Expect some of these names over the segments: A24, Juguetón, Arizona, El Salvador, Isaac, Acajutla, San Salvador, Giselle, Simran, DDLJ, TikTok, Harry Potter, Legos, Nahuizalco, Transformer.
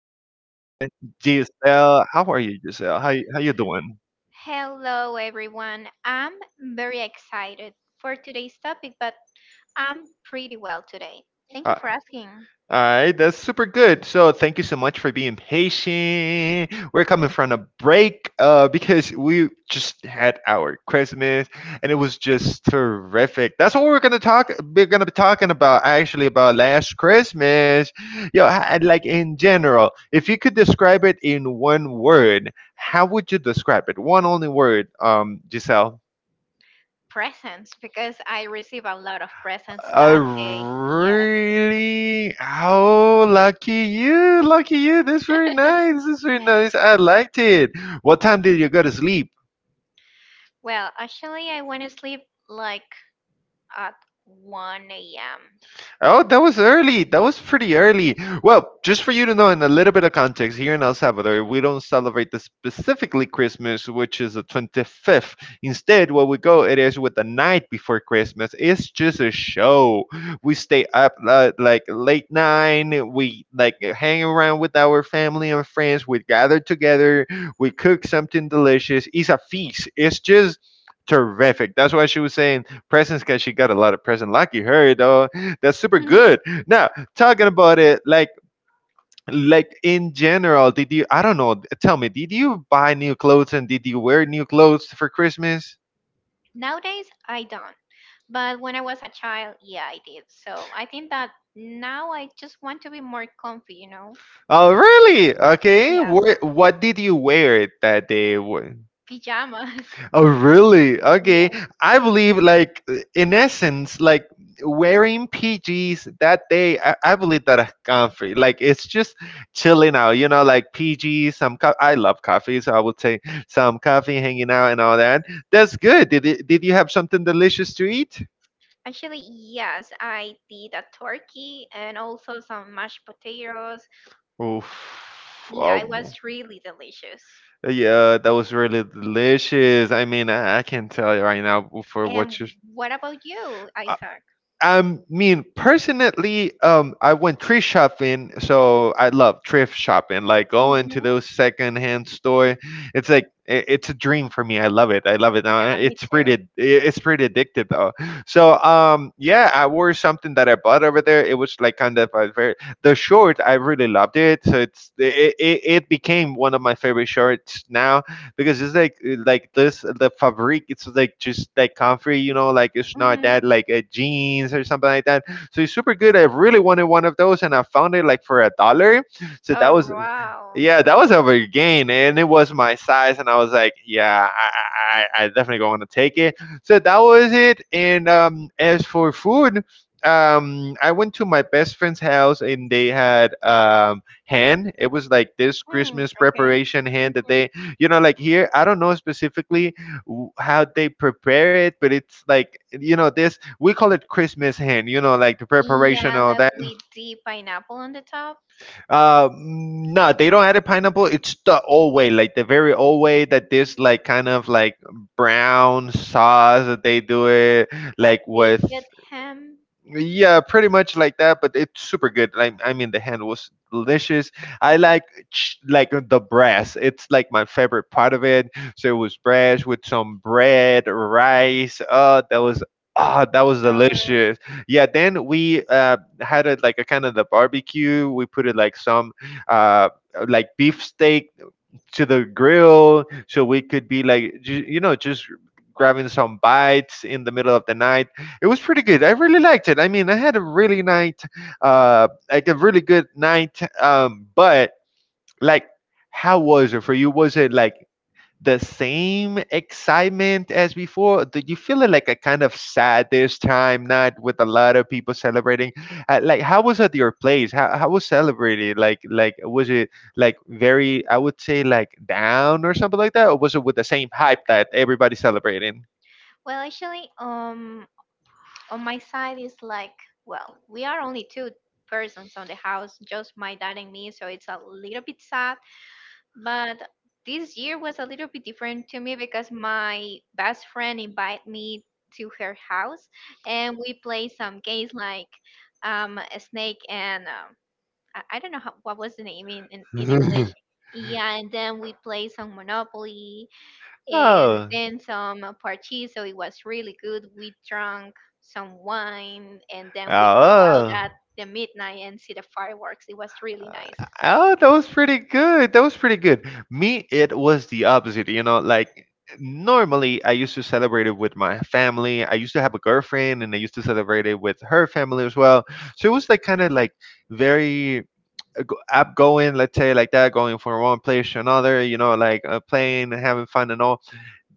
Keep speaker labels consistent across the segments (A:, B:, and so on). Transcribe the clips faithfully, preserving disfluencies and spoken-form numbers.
A: amazing girl, Giselle. How are you, Giselle? How you- how you doing?
B: Hello, everyone. I'm very excited for today's topic, but I'm pretty well today. Thank you
A: Uh,
B: for asking.
A: all right, that's super good. So thank you so much for being patient. We're coming from a break uh, because we just had our Christmas and it was just terrific. That's what we're gonna talk. We're gonna be talking about actually about last Christmas. Yo, h- and like in general, if you could describe it in one word, how would you describe it? One only word, um, Giselle.
B: Presents, because I receive a lot of presents
A: I
B: that Oh, day. Yeah.
A: really? Oh, lucky you. Lucky you. That's very nice. That's very nice. I liked it. What time did you go to sleep?
B: Well, actually, I went to sleep like at one a m.
A: Oh, that was early. That was pretty early. Well, just for you to know, in a little bit of context, here in El Salvador, we don't celebrate the specifically Christmas, which is the twenty-fifth. Instead, what we go, it is with the night before Christmas. It's just a show. We stay up uh, like late nine. We like hang around with our family and friends. We gather together. We cook something delicious. It's a feast. It's just terrific. That's why she was saying presents because she got a lot of presents. Lucky her, though that's super
B: Mhm.
A: good. Now, talking about it, like like in general, did you? I don't know. Tell me, did you buy new clothes and did you wear new clothes for Christmas?
B: Nowadays, I don't. But when I was a child, yeah, I did. So I think that now I just want to be more comfy, you know?
A: Oh, really? Okay.
B: Yeah.
A: Wh- what did you wear that day? Wh-
B: Pajamas.
A: Oh, really?
B: Yeah.
A: Okay. I believe, like, in essence, like wearing P Gs that day, I, I believe that a coffee, like, it's just chilling out, you know, like P Gs, some co- I love coffee, so I would say some coffee, hanging out, and all that. That's good. Did, it, did you have something delicious to eat?
B: Actually, yes, I did a turkey and also some mashed potatoes.
A: Oof.
B: Yeah, it
A: Um,
B: was really delicious.
A: yeah, that was really delicious. I mean, I, I can't tell you right now for
B: And
A: what you
B: what about you, Isaac?
A: I mean, personally, um, I went thrift shopping, so I love thrift shopping. Like going to
B: Mm-hmm.
A: those secondhand store, it's like i- it's a dream for me. I love it. I love it. Uh,
B: Yeah, me
A: It's
B: too.
A: pretty. i- It's pretty addictive though. So, um, yeah, I wore something that I bought over there. It was like kind of a very the short. I really loved it. So it's it it, it became one of my favorite shorts now because it's like uh, like this the fabric it's like just like comfy, you know, like it's not
B: Mm-hmm.
A: that like a jeans or something like that, so it's super good. I really wanted one of those and I found it like for a dollar, so that
B: Oh,
A: was,
B: wow.
A: yeah, that was a big gain and it was my size and I was like, yeah, i i, I definitely going to take it, so that was it. And um as for food, um I went to my best friend's house and they had um hand. It was like this
B: Mm,
A: Christmas
B: okay.
A: preparation hen that
B: Mhm.
A: they, you know, like here I don't know specifically w- how they prepare it, but it's like, you know, this we call it Christmas hen, you know, like the preparation
B: Yeah,
A: all
B: like
A: that.
B: with the pineapple on the top,
A: Uh, mm, no, they don't add a pineapple. It's the old way, like the very old way that this like kind of like brown sauce that they do it
B: like
A: like with,
B: baked ham.
A: yeah, pretty much like that, but it's super good. I, I mean, the hand was delicious. I like ch- like the brass. It's like my favorite part of it. So it was brass with some bread, rice. Oh, that was, ah, that was
B: Or
A: delicious. Yeah. Then we uh, had it like a kind of the barbecue. We put it like some uh like beef steak to the grill so we could be like ju- you know just grabbing some bites in the middle of the night. It was pretty good. I really liked it. I mean, I had a really night uh like a really good night. Um but like how was it for you? Was it like the same excitement as before? Do you feel it like a kind of sad this time, not with a lot of people celebrating? Uh, like, how was at your place? How, how was celebrated? Like, like was it like very? I would say like down or something like that, or was it with the same hype that everybody's celebrating?
B: well, actually, um, on my side is like well we are only two persons on the house, just my dad and me, so it's a little bit sad. But this year was a little bit different to me because my best friend invited me to her house and we played some games like um a snake and um, I, I don't know how, what was the name in, in, in English. Yeah, and then we played some monopoly and
A: Oh.
B: then some uh, party. So it was really good. We drank some wine, and
A: Oh.
B: then we go out
A: Uh,
B: at the midnight and see the fireworks. It was really nice.
A: Oh, that was pretty good. That was pretty good. Me, it was the opposite. You know, like normally I used to celebrate it with my family. I used to have a girlfriend and I used to celebrate it with her family as well. So it was like kind of like very uh, go- outgoing, let's say, like that, going from one place to another, you know, like uh, playing, having fun and all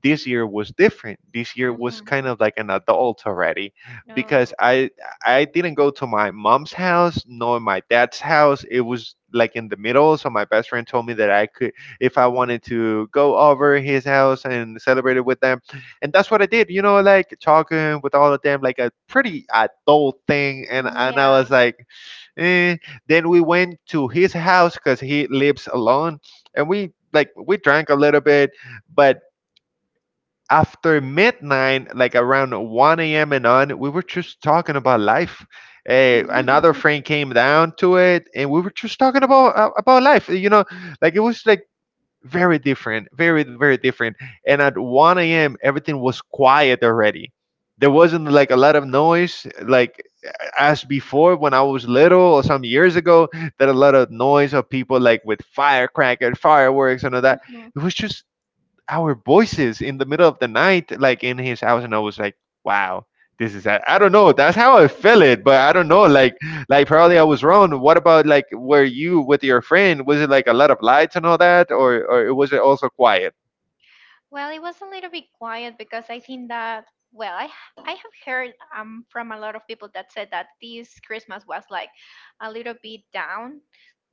A: this year was different. This year was
B: Hmm.
A: kind of like an adult already because I I didn't go to my mom's house nor my dad's house. It was like in the middle, so my best friend told me that I could if I wanted to go over his house and celebrate it with them. And that's what I did, you know, like talking with all of them like a pretty adult thing and and I
B: Yeah.
A: was like, eh. Then we went to his house cuz he lives alone and we like we drank a little bit but after midnight, like around one a m and on, we were just talking about life. Eh, another friend came down to it, and we were just talking about uh, about life. You know, like it was like very different, very very different. And at one a m, everything was quiet already. There wasn't like a lot of noise, like as before when I was little or some years ago. That a lot of noise of people like with firecrackers, fireworks, and all that.
B: Mm.
A: It was just our voices in the middle of the night, like in his house, and I was like, wow, this is that. I don't know. That's how I feel it, but I don't know. Like, like probably I was wrong. What about like were you with your friend? Was it like a lot of lights and all that, or or was it also quiet?
B: Well, it was a little bit quiet because I think that well, I I have heard um from a lot of people that said that this Christmas was like a little bit down.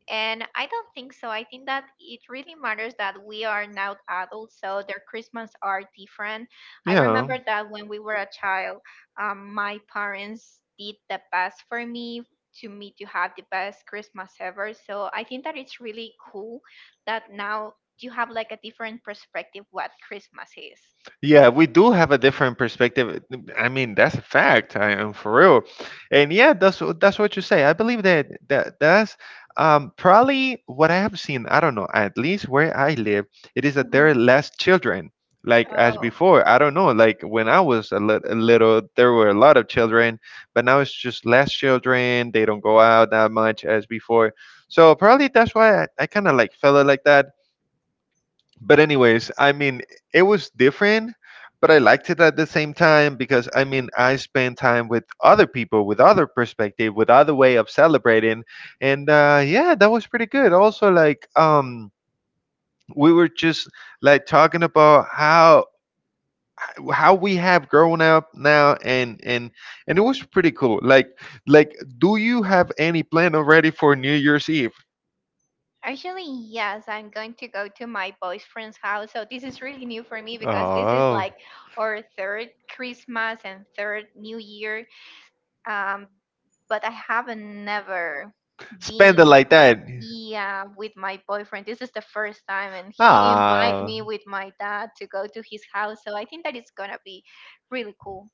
B: And I don't think so. I think that it really matters that we are now adults, so their Christmas are different. I
A: Yeah.
B: remember that when we were a child, um, my parents did the best for me, to me, to have the best Christmas ever. So I think that it's really cool that now you have like a different perspective what Christmas is.
A: Yeah, we do have a different perspective. I mean, that's a fact. I am for real, and yeah, that's wh- that's what you say. I believe that that that's um, probably what I have seen. I don't know. At least where I live, it is that there are
B: Mhm.
A: less children. Like as
B: Oh.
A: before, I don't know. Like when I was a, lit- a little, there were a lot of children, but now it's just less children. They don't go out that much as before. So probably that's why I, I kind of like felt it like that. But anyways, I mean, it was different, but I liked it at the same time because I mean, I spent time with other people, with other perspective, with other way of celebrating, and uh, yeah, that was pretty good. Also, like um, we were just like talking about how how we have grown up now, and and and it was pretty cool. Like like, do you have any plan already for New Year's Eve?
B: Actually, yes, I'm going to go to my boyfriend's house. So this is really new for me because this is
A: Oh.
B: like our third Christmas and third New Year. Um, but I haven't never been,
A: Spend it like that.
B: yeah, with my boyfriend. This is the first time, and he invited
A: Ah.
B: me with my dad to go to his house. So I think that it's gonna be really cool.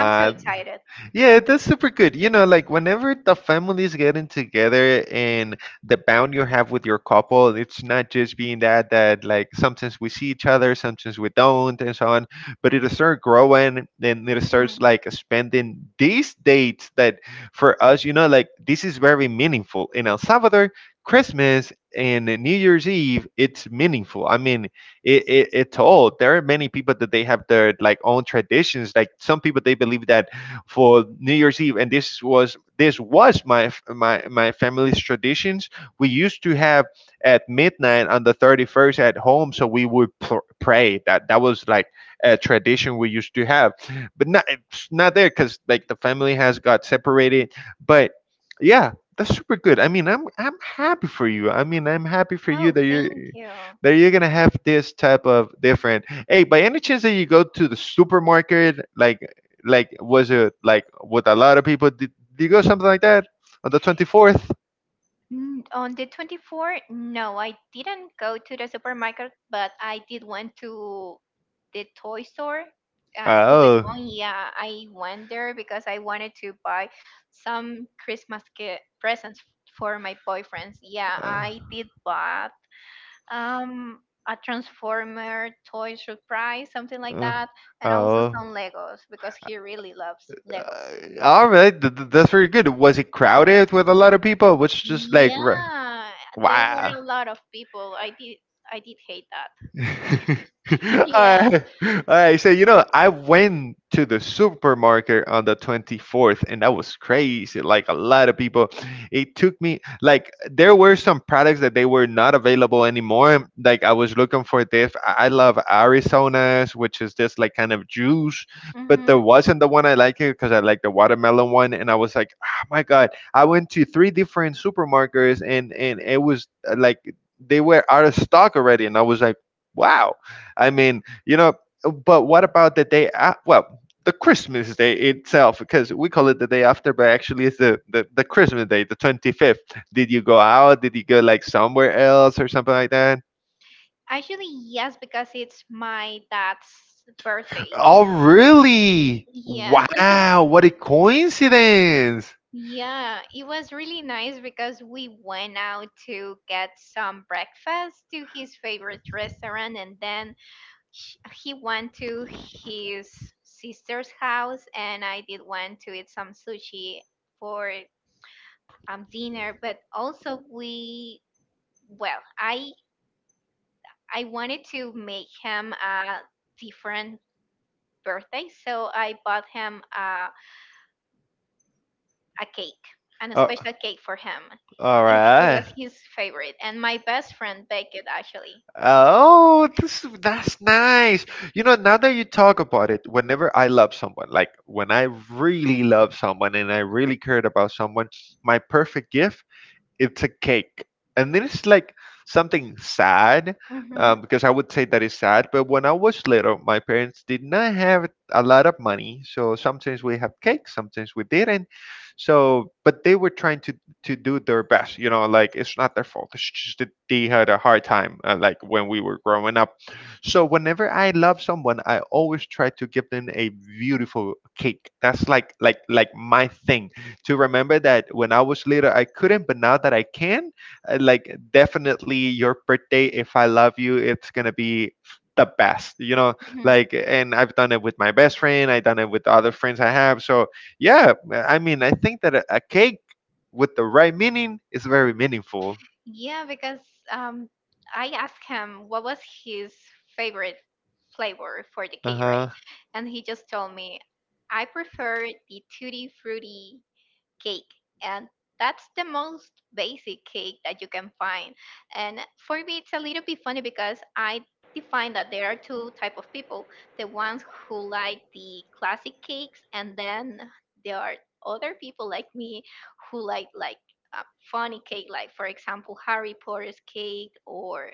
B: I'm so excited.
A: yeah, that's super good. You know, like whenever the families getting together and the bond you have with your couple, it's not just being that that like sometimes we see each other, sometimes we don't, and so on. But it'll start growing, then it
B: Mhm.
A: starts like spending these dates that for us, you know, like this is very meaningful in El Salvador. Christmas and New Year's Eve, it's meaningful. I mean, it, it, it told there are many people that they have their like own traditions like some people they believe that for New Year's Eve and this was this was my my my family's traditions. We used to have at midnight on the thirty-first at home so we would pr- pray. That that was like a tradition we used to have but not it's not there because like the family has got separated. But yeah, that's super good. I mean, i'm i'm happy for you. I mean, I'm happy for
B: Oh,
A: you that you're
B: thank you.
A: that you're gonna have this type of different. Hey, by any chance that you go to the supermarket, like like was it like what a lot of people did? Did you go something like that on the twenty fourth?
B: Mm, on the twenty-fourth, no, I didn't go to the supermarket, but I did went to the toy store. Uh, Juguetón,
A: Oh.
B: yeah, I went there because I wanted to buy some Christmas gift presents for my boyfriends. Yeah,
A: Uh,
B: I did buy um a Transformer toy surprise, something like
A: uh,
B: that, and also
A: oh.
B: some Legos because he really loves Legos.
A: Uh, all right, th- th- that's very good. Was it crowded with a lot of people? Was just like r-
B: Yeah, there
A: wow.
B: were a lot of people. I did I did hate that. Yeah.
A: I, I say, you know, I went to the supermarket on the twenty-fourth and that was crazy. Like a lot of people, it took me, like, there were some products that they were not available anymore. Like, I was looking for this. I I love Arizona's, which is this, like, kind of juice, but there
B: Hmm.
A: wasn't the one I like it because I like the watermelon one. And I was like, oh my God. I went to three different supermarkets and, and it was uh, like, they were out of stock already, and I was like, wow. I mean, you know, but what about the day? A- well, the Christmas day itself, because we call it the day after, but actually it's the, the, the Christmas day, the twenty-fifth. Did you go out? Did you go like somewhere else or something like that?
B: Actually, yes, because it's my dad's birthday.
A: Oh, really?
B: Yeah.
A: Wow. What a coincidence.
B: Yeah, it was really nice because we went out to get some breakfast to his favorite restaurant, and then sh- he went to his sister's house, and I did went to eat some sushi for um, dinner. But also we, well, I I wanted to make him a different birthday, so I bought him a, a cake, and a
A: Oh,
B: special cake for him.
A: all
B: It, it
A: right.
B: was his favorite, and my best friend baked it actually.
A: Oh, this that's nice. You know, now that you talk about it, whenever I love someone, like when I really love someone and I really cared about someone, my perfect gift it's a cake and then it's like something sad,
B: Hmm.
A: um, because I would say that is sad, but when I was little, my parents did not have a lot of money, so sometimes we have cake, sometimes we didn't. So but they were trying to to do their best, you know, like it's not their fault. It's just that they had a hard time uh, like when we were growing up. So whenever I love someone, I always try to give them a beautiful cake. That's like like like my thing, to remember that when I was little I couldn't, but now that I can, uh, like definitely your birthday, if I love you, it's gonna be the best, you know.
B: Mhm.
A: Like, and I've done it with my best friend, I've done it with other friends I have. So yeah, I mean, I think that a, a cake with the right meaning is very meaningful.
B: Yeah, because um, I asked him what was his favorite flavor for the
A: Uh
B: cake, right?
A: huh.
B: And he just told me, I prefer the tutti frutti cake, and that's the most basic cake that you can find. And for me it's a little bit funny because I define that there are two type of people, the ones who like the classic cakes, and then there are other people like me who like like a funny cake, like for example Harry Potter's cake or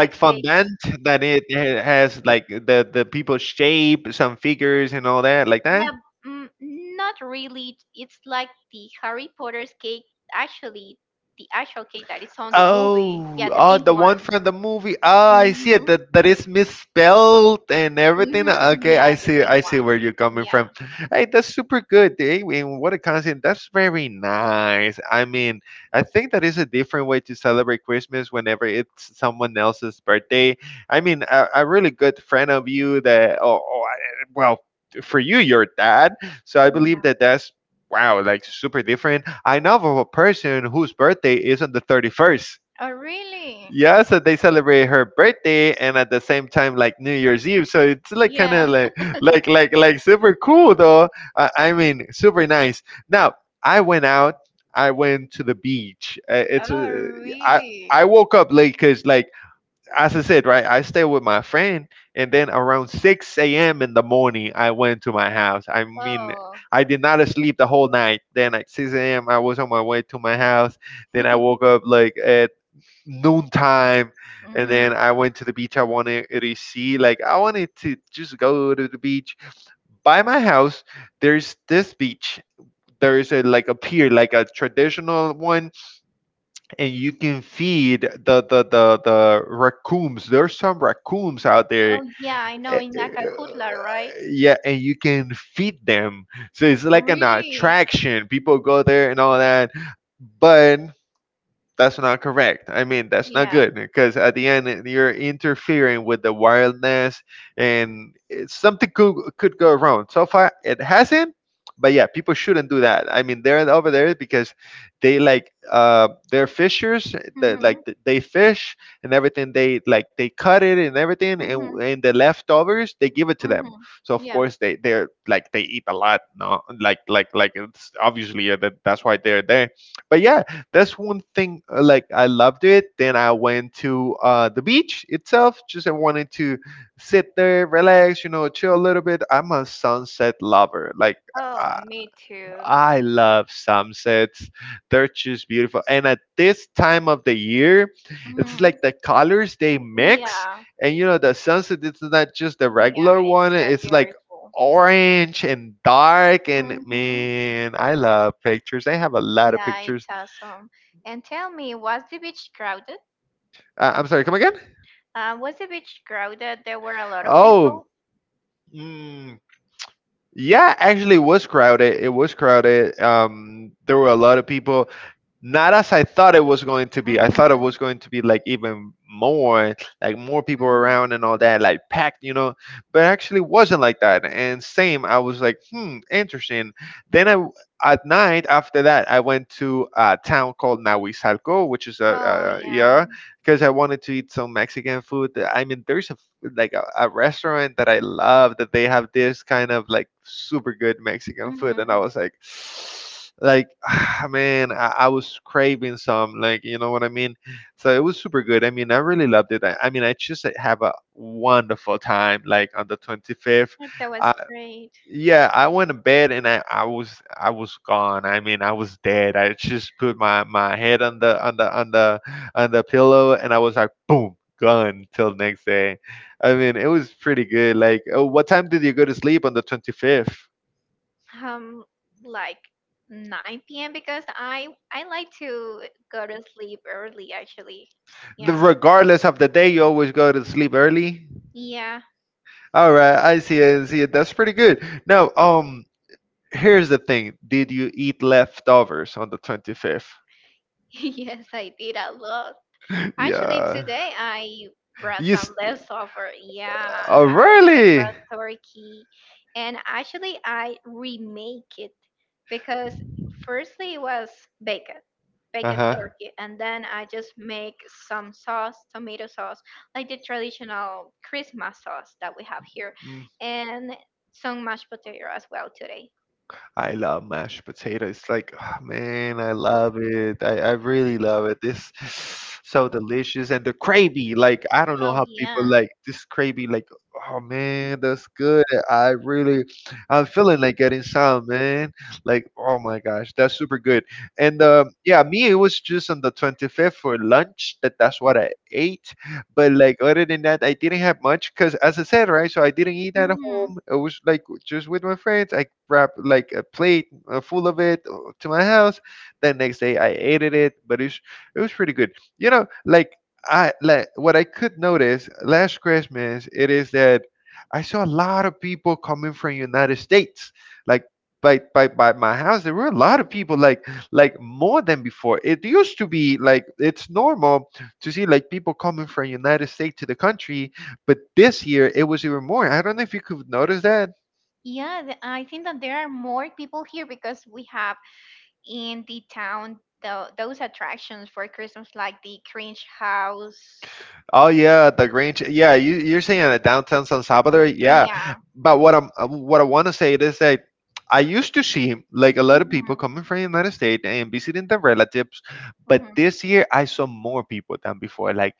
B: a cake.
A: fondant that it ha- has like the the people shape, some figures and all that, like that.
B: Yeah, mm, not really. It's like the Harry Potter's cake, actually, the actual cake that is on the movie.
A: Oh,
B: Yeah, the
A: oh,
B: pink
A: the
B: one.
A: one from the movie. Ah, I see
B: Mm-hmm.
A: it. That that is misspelled and everything.
B: Mm-hmm.
A: Okay,
B: Yeah,
A: I
B: the
A: see.
B: pink
A: I see
B: one.
A: where you're coming
B: Yeah.
A: from. Hey, that's super good. Hey, and what a concept. That's very nice. I mean, I think that is a different way to celebrate Christmas whenever it's someone else's birthday. I mean, a, a really good friend of you that. Oh, oh, I- well, for you, your dad. So I
B: Yeah.
A: believe that that's wow, like super different. I know of a person whose birthday is on the thirty-first.
B: Oh, really?
A: Yeah, so they celebrate her birthday and at the same time like New Year's Eve. So it's like kind
B: Yeah.
A: of like like like like super cool though. Uh, I mean, super nice. Now I went out. I went to the beach. Uh, it's
B: Oh,
A: uh, I
B: really?
A: I woke up late because like as I said, right, I stayed with my friend, and then around six a m in the morning, I went to my house. I mean,
B: Oh.
A: I did not sleep the whole night. Then at six a m, I was on my way to my house. Then I woke up like at noontime, and
B: Mm-hmm.
A: then I went to the beach. I wanted to see, like, I wanted to just go to the beach. By my house, there's this beach. There's a like a pier, like a traditional one, and you can feed the the the, the raccoons. There's some raccoons out there.
B: Oh, yeah, I know
A: eh,
B: in
A: eh,
B: Acajutla, right?
A: Yeah, and you can feed them. So it's like an
B: Really?
A: attraction. People go there and all that. But that's not correct. I mean, that's not
B: Yeah.
A: good, because at the end you're interfering with the wildness, and it's, something could could go wrong. So far, it hasn't. But yeah, people shouldn't do that. I mean, they're over there because they like uh, they're fishers. That
B: Mm-hmm.
A: like th- they fish and everything. They like they cut it and everything, and
B: Mm-hmm.
A: and the leftovers they give it to them.
B: Mm-hmm.
A: So of
B: Yeah.
A: course they they're like they eat a lot. No, like like like it's obviously uh, that that's why they're there. But yeah, that's one thing. Uh, like I loved it. Then I went to uh, the beach itself. Just I wanted to sit there, relax, you know, chill a little bit. I'm a sunset lover. Like,
B: Oh,
A: uh,
B: me too.
A: I love sunsets. They're just beautiful, and at this time of the year, it's like
B: Mhm.
A: the colors they mix,
B: Yeah,
A: and you know, the sunset it's not just the
B: yeah,
A: regular
B: it's
A: one.
B: so
A: It's like
B: beautiful.
A: orange and dark, and
B: Hmm.
A: man, I love pictures. I have a lot of
B: Yeah, it's
A: pictures.
B: awesome. And tell me, was the beach crowded?
A: uh, I'm sorry, come again?
B: Uh, was the beach crowded? There were a lot of
A: Oh,
B: people.
A: mm, yeah, actually, it was crowded. It was crowded. Um, there were a lot of people. Not as I thought it was going to be. I thought it
B: Hmm.
A: was going to be like even more, like more people
B: Hmm.
A: around and all that, like packed, you know. But actually, wasn't like that. And same, I was like, hmm, interesting. Then I w- at night after that, I went to a town called Nahuizalco, which is
B: Oh,
A: a, a
B: yeah.
A: yeah, because I wanted to eat some Mexican food. I mean, there's a like a, a restaurant that I love that they have this kind of like super good Mexican food, and I
B: Hmm.
A: was like, like man, I, I was craving some, like you know what I mean. So it was super good. I mean, I really loved it. I, I mean, I just like, have a wonderful time, like on the twenty-fifth
B: That
A: I
B: was great.
A: yeah, I went to bed and I, I was I was gone. I mean, I was dead. I just put my, my head on the on the on the on the pillow, and I was like boom, gone till next day. I mean, it was pretty good. Like, oh, what time did you go to sleep on the twenty-fifth?
B: Um, like nine p m because I I like to go to sleep early actually.
A: The,
B: Yeah.
A: regardless of the day, you always go to sleep early.
B: Yeah,
A: All right, I see it. I see it. That's pretty good. Now, um, here's the thing. Did you eat leftovers on the twenty-fifth?
B: yes, I did a lot. Actually,
A: Yeah.
B: today I brought
A: You
B: some
A: s-
B: leftover. Yeah,
A: uh, oh
B: I, I
A: really?
B: brought turkey, and actually I remake it because firstly it was baked, baked
A: Uh huh.
B: turkey, and then I just make some sauce, tomato sauce, like the traditional Christmas sauce that we have here, and some mashed potato as well today.
A: I love mashed potato. It's like, ah, man, I love it. I, I really love it. This so delicious, and the gravy. Like, I don't know
B: Oh
A: how people
B: yeah.
A: like this gravy. Like, oh man, that's good. I really, I'm feeling like getting some, man. Like, oh my gosh, that's super good. And um, yeah, me, it was just on the twenty-fifth for lunch that that's what I ate. But like other than that, I didn't have much because, as I said, right. So I didn't eat at
B: Hmm.
A: home. It was like just with my friends. I grabbed like a plate uh, full of it uh, to my house. Then next day I ate it, but it was, it was pretty good. You know, like I like what I could notice last Christmas. It is that I saw a lot of people coming from United States, like. By, by, by my house there were a lot of people like like more than before. It used to be like it's normal to see like people coming from United States to the country. But this year it was even more. I don't know if you could notice that.
B: Yeah, the, I think that there are more people here because we have in the town the, those attractions for Christmas, like the Cringe House.
A: Oh yeah, the Grange. Yeah, you you're saying that downtown San Salvador. Yeah,
B: Yeah.
A: but what I'm uh, what I want to say is that I used to see like a lot of people
B: Mhm,
A: coming from the United States and visiting their relatives,
B: mhm,
A: but this year I saw more people than before. Like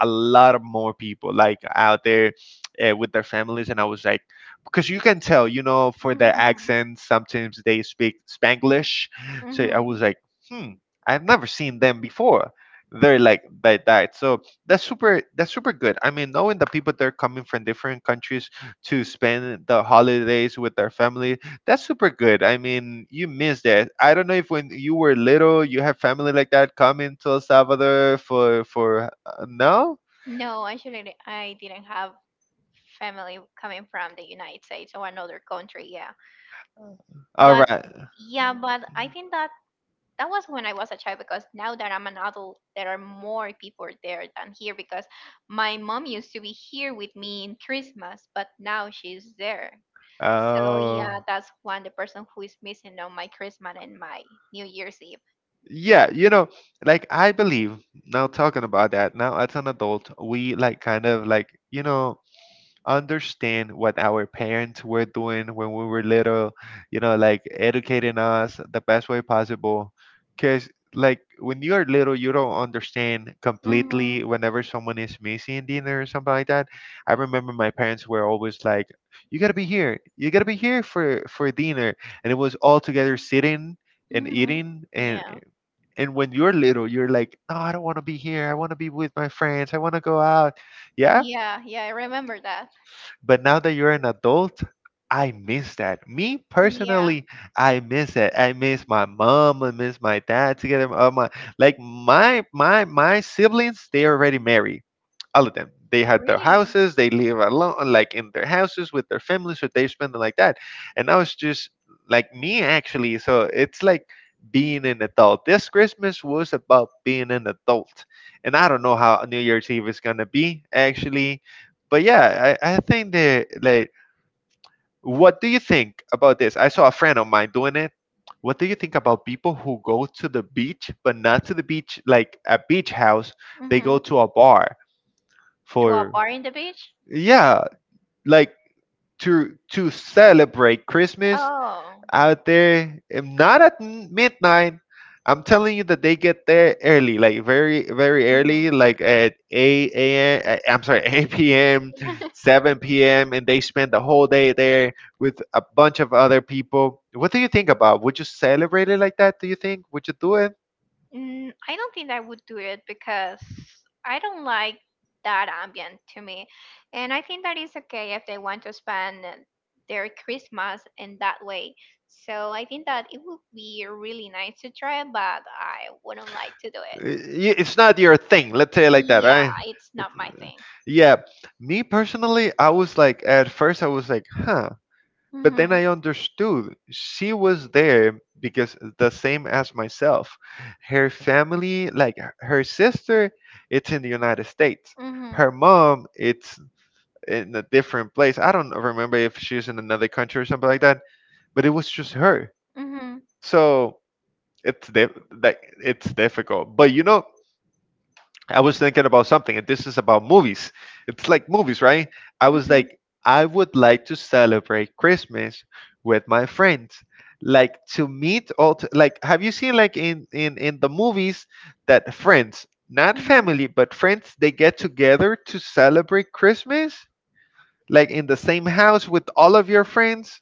A: a lot of more people like out there uh, with their families, and I was like, because you can tell, you know, for their
B: mhm,
A: accents, sometimes they speak Spanglish. So I
B: mhm.
A: was like, hmm, I've never seen them before. They're like like that. So that's super, that's super good. I mean, knowing the people that are coming from different countries to spend the holidays with their family, that's super good. I mean, you miss that. I don't know if when you were little you had family like that coming to El Salvador for for uh, no,
B: No, actually, the- I didn't have family coming from the United States or another country. Yeah,
A: all
B: but
A: right.
B: yeah, but I think that that was when I was a child, because now that I'm an adult, there are more people there than here because my mom used to be here with me in Christmas, but now she's there. So
A: Oh
B: yeah, that's one, the person who is missing on my Christmas and my New Year's Eve.
A: yeah, you know, like I believe now talking about that now as an adult, we like kind of like, you know, understand what our parents were doing when we were little, you know, like educating us the best way possible. Because, like, when you are little, you don't understand
B: Mm-hmm.
A: completely whenever someone is missing dinner or something like that. I remember my parents were always like, you gotta be here, you gotta be here for, for dinner. And it was all together sitting and
B: Mm-hmm.
A: eating, and
B: Yeah.
A: and when you're little you're like, no, I don't want to be here, I want to be with my friends, I want to go out. Yeah,
B: Yeah, yeah, I remember that.
A: but now that you're an adult, I miss that. Me
B: Yeah.
A: personally, I miss it. I miss my mom. I miss my dad together. Oh my, like my my my siblings, they already married all of them. They had their
B: Really?
A: houses, they live alone, like in their houses with their families, so they spend it like that. And I was just like me actually. So it's like being an adult. This Christmas was about being an adult. And I don't know how New Year's Eve is gonna be actually, but yeah, I, I think that, like, what do you think about this? I saw a friend of mine doing it. What do you think about people who go to the beach, but not to the beach like a beach house? They go
B: Mm-hmm.
A: to a bar
B: To a
A: for,
B: bar in the beach?
A: yeah, like to to celebrate Christmas
B: Oh.
A: out there, um, not at m- midnight. I'm telling you that they get there early, like very very early, like at eight a m a.m, uh, I'm sorry, eight p m p.m, seven p m p.m, and they spend the whole day there with a bunch of other people. What do you think about, would you celebrate it like that? Do you think, would you do it?
B: Mm, I don't think I would do it because I don't like that ambient to me. And I think that is okay if they want to spend their Christmas in that way. So I think that it would be really nice to try, but I wouldn't like to do it.
A: Uh, y- it's not your thing, let's say it like that,
B: Yeah,
A: right?
B: it's not
A: It's,
B: my thing.
A: yeah, me personally, I was like, at first I was like, huh? But then
B: Mm-hmm.
A: I understood she was there because the same as myself. Her family, like h- her sister, it's in the United States.
B: Mm-hmm.
A: Her mom, it's in a different place. I don't remember if she's in another country or something like that, but it was just her.
B: Mm-hmm.
A: So it's dif- like it's difficult. But you know, I was thinking about something, and this is about movies. It's like movies, right? I was
B: Mm-hmm.
A: like, I would like to celebrate Christmas with my friends, like to meet all. T- like, have you seen like in in in the movies that friends, not
B: Mm-hmm.
A: family, but friends, they get together to celebrate Christmas, like in the same house with all of your friends,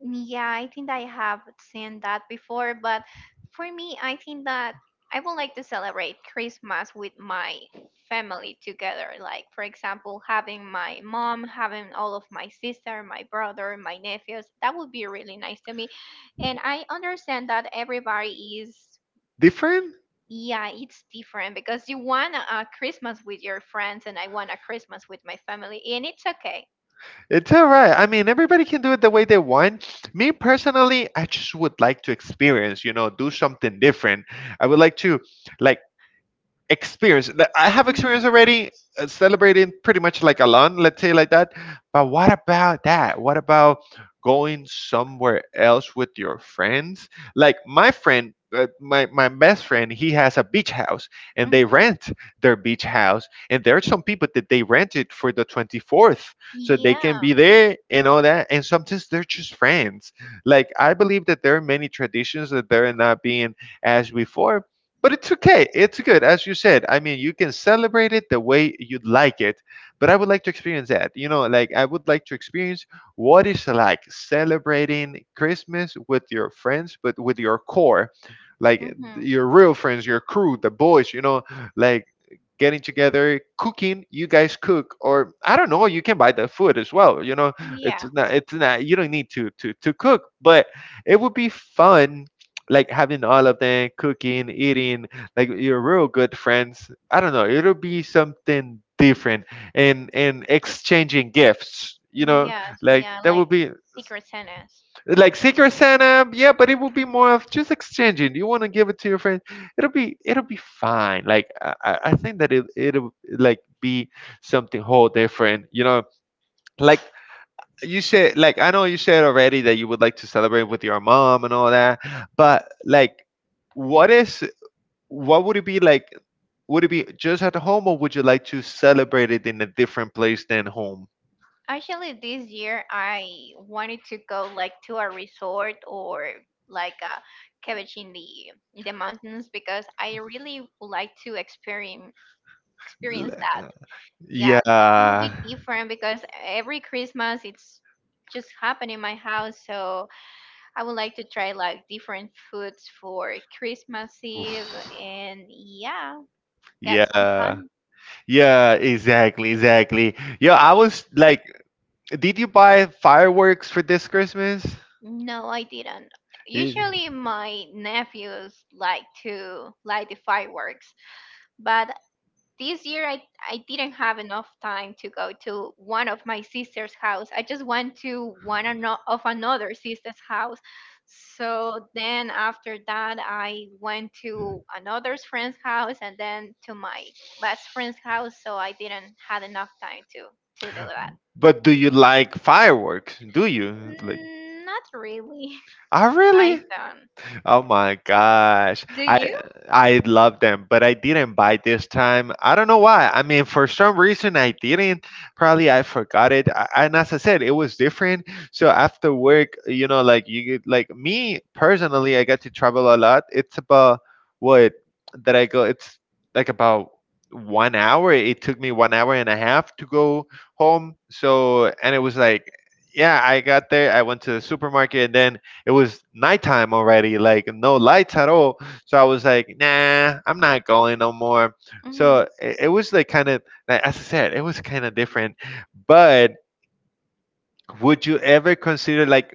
B: Yeah, I think I have seen that before, but for me, I think that I would like to celebrate Christmas with my family together. Like, for example, having my mom, having all of my sister, my brother, my nephews. That would be really nice to me. And I understand that everybody is,
A: different?
B: yeah, it's different because you want a Christmas with your friends, and I want a Christmas with my family, and it's okay.
A: It's all right. I mean, everybody can do it the way they want. Me personally, I just would like to experience, you know, do something different. I would like to like experience that I have
B: Hmm.
A: experience already, uh, celebrating pretty much like Alon, let's say like that. But what about that? What about going somewhere else with your friends? Like my friend, uh, my my best friend, he has a beach house and they
B: Hmm.
A: rent their beach house, and there are some people that they rent it for the twenty fourth, so they
B: Yeah.
A: can be there and all that. And sometimes they're just friends. Like I believe that there are many traditions that they're not being as before, but it's okay. It's good. As you said, I mean, you can celebrate it the way you'd like it. But I would like to experience that. You know, like I would like to experience what is like celebrating Christmas with your friends, but with your core, like
B: Hmm.
A: your real friends, your crew, the boys, you know, like getting together, cooking. You guys cook, or I don't know. You can buy the food as well. You know, it's
B: Yeah.
A: not. It's not. You don't need to to to cook, but it would be fun. Like having all of them cooking, eating, like you're real good friends. I don't know. It'll be something different, and and exchanging gifts. You know,
B: Yeah,
A: like
B: yeah,
A: that
B: like
A: would be
B: Secret Santas.
A: like Secret Santa, yeah, but it would be more of just exchanging. You want to give it to your friend, it'll be it'll be fine. Like, I, I I think that it it'll like be something whole different. You know, like you said, like I know you said already that you would like to celebrate with your mom and all that, but like, what is what would it be like? Would it be just at home, or would you like to celebrate it in a different place than home?
B: Actually, this year I wanted to go like to a resort or like a cottage in the in the mountains because I really would like to experience experience that.
A: L-
B: Yeah, I- it would
A: Yeah.
B: be different because every Christmas it's just happen in my house, so I would like to try like different foods for Christmas Eve
A: Oof.
B: and yeah, get some
A: Yeah.
B: fun.
A: Yeah, exactly, exactly. Yeah, I was like, did you buy fireworks for this Christmas?
B: No, I didn't.
A: Y-
B: Usually my nephews like to light the fireworks, but this year I, I didn't have enough time to go to one of my sister's house. I just went to one ano- of another sister's house. So then after that I went to another friend's house and then to my best friend's house, so I didn't had enough time to to do that.
A: But do you like fireworks? Do you? Like,
B: Mm, not really.
A: ah,
B: I
A: really?
B: don't.
A: Oh my gosh.
B: Do you?
A: I I love them, but I didn't buy this time. I don't know why. I mean, for some reason I didn't. Probably I forgot it. I, and as I said, it was different. So after work, you know, like you get- like me personally, I get to travel a lot. It's about what that I go. It's like about one hour. It took me one hour and a half to go home. So and it was like, yeah, I got there. I went to the supermarket and then it was nighttime already, like no lights at all. So I was like, nah, I'm not going no more.
B: Mhm,
A: So it, it was like kind of, like, as I said, it was kind of different. But would you ever consider, like,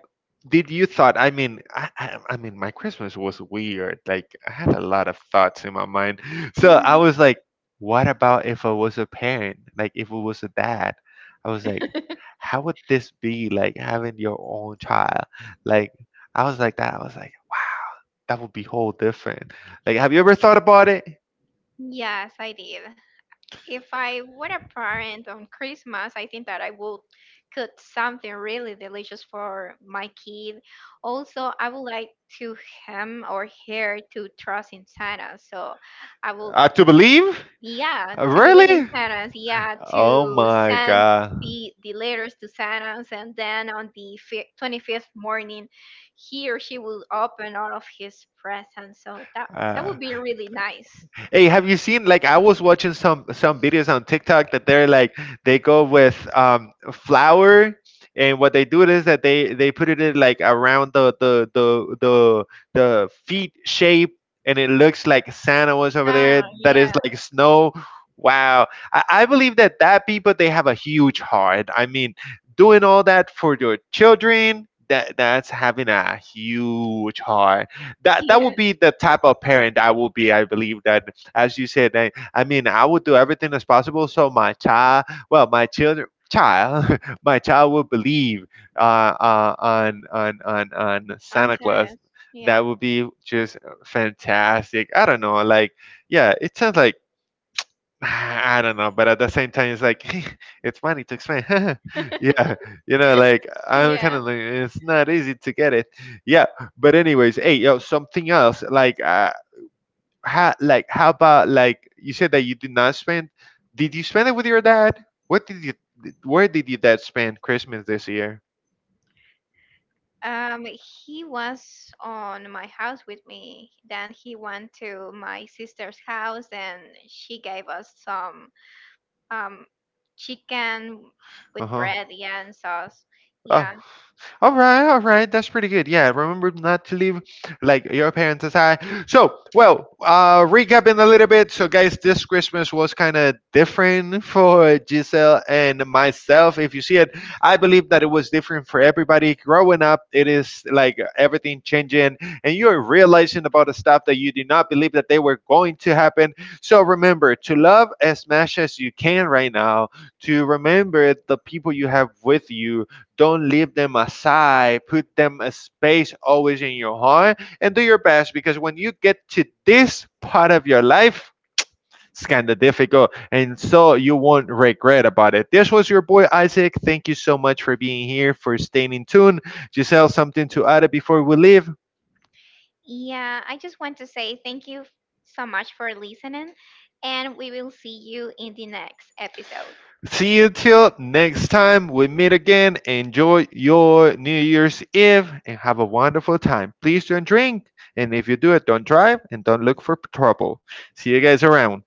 A: did you thought? I mean, I, I, I mean, my Christmas was weird. Like I had a lot of thoughts in my mind. So I
B: mhm.
A: was like, what about if I was a parent? Like if it was a dad, I was like, how would this be like having your own child? Like I was like that. I was like, that would be whole different. Like, have you ever thought about it?
B: Yes, I did. If I were a parent on Christmas, I think that I would cook something really delicious for my kid. Also, I would like to him or her to trust in Santa. So I will,
A: Uh, to believe?
B: yeah,
A: Uh,
B: to believe in
A: Really?
B: Santa. Yeah,
A: Oh
B: to
A: my
B: send
A: god.
B: the the letters to Santa, and then on the fi twenty-fifth morning, he or she will open all of his presents. So that that
A: Uh,
B: would be really nice.
A: Hey, have you seen, like, I was watching some some videos on TikTok that they're like they go with um flour, and what they do is that they they put it in like around the the the the the feet shape, and it looks like Santa was over there.
B: Ah,
A: That
B: yeah.
A: is like snow. Wow, I, I believe that that people, they have a huge heart. I mean, doing all that for your children. That, that's having a huge heart. That that would
B: Yes.
A: be the type of parent I will be. I believe that, as you said, I, I mean, I would do everything as possible so my child, well, my children, child, my child will believe uh, uh, on on on on
B: On
A: Santa Claus.
B: Saturdays. Yeah.
A: That would be just fantastic. I don't know. Like, yeah, it sounds like, I don't know, but at the same time, it's like it's funny to explain. Yeah, you know, like I'm kind
B: Yeah.
A: of like it's not easy to get it. Yeah, but anyways, hey, yo, something else. Like, uh, how, like, how about, like you said that you did not spend? Did you spend it with your dad? What did you? Where did your dad spend Christmas this year?
B: Um, he was on my house with me. Then he went to my sister's house and she gave us some um chicken
A: Uh
B: with
A: huh.
B: bread, yeah, and sauce.
A: Oh,
B: Yeah.
A: all right, all right. That's pretty good. Yeah, remember not to leave like your parents aside. So, well, uh, recapping a little bit. So, guys, this Christmas was kind of different for Giselle and myself. If you see it, I believe that it was different for everybody. Growing up, it is like everything changing, and you're realizing about the stuff that you did not believe that they were going to happen. So, remember to love as much as you can right now. To remember the people you have with you, don't leave them aside. Put them a space always in your heart and do your best, because when you get to this part of your life, it's kind of difficult. And so you won't regret about it. This was your boy Isaac. Thank you so much for being here, for staying in tune. Giselle, something to add before we leave?
B: Yeah, I just want to say thank you so much for listening, and we will see you in the next episode.
A: See you till next time we meet again. Enjoy your New Year's Eve and have a wonderful time. Please don't drink. And if you do it, don't drive and don't look for trouble. See you guys around.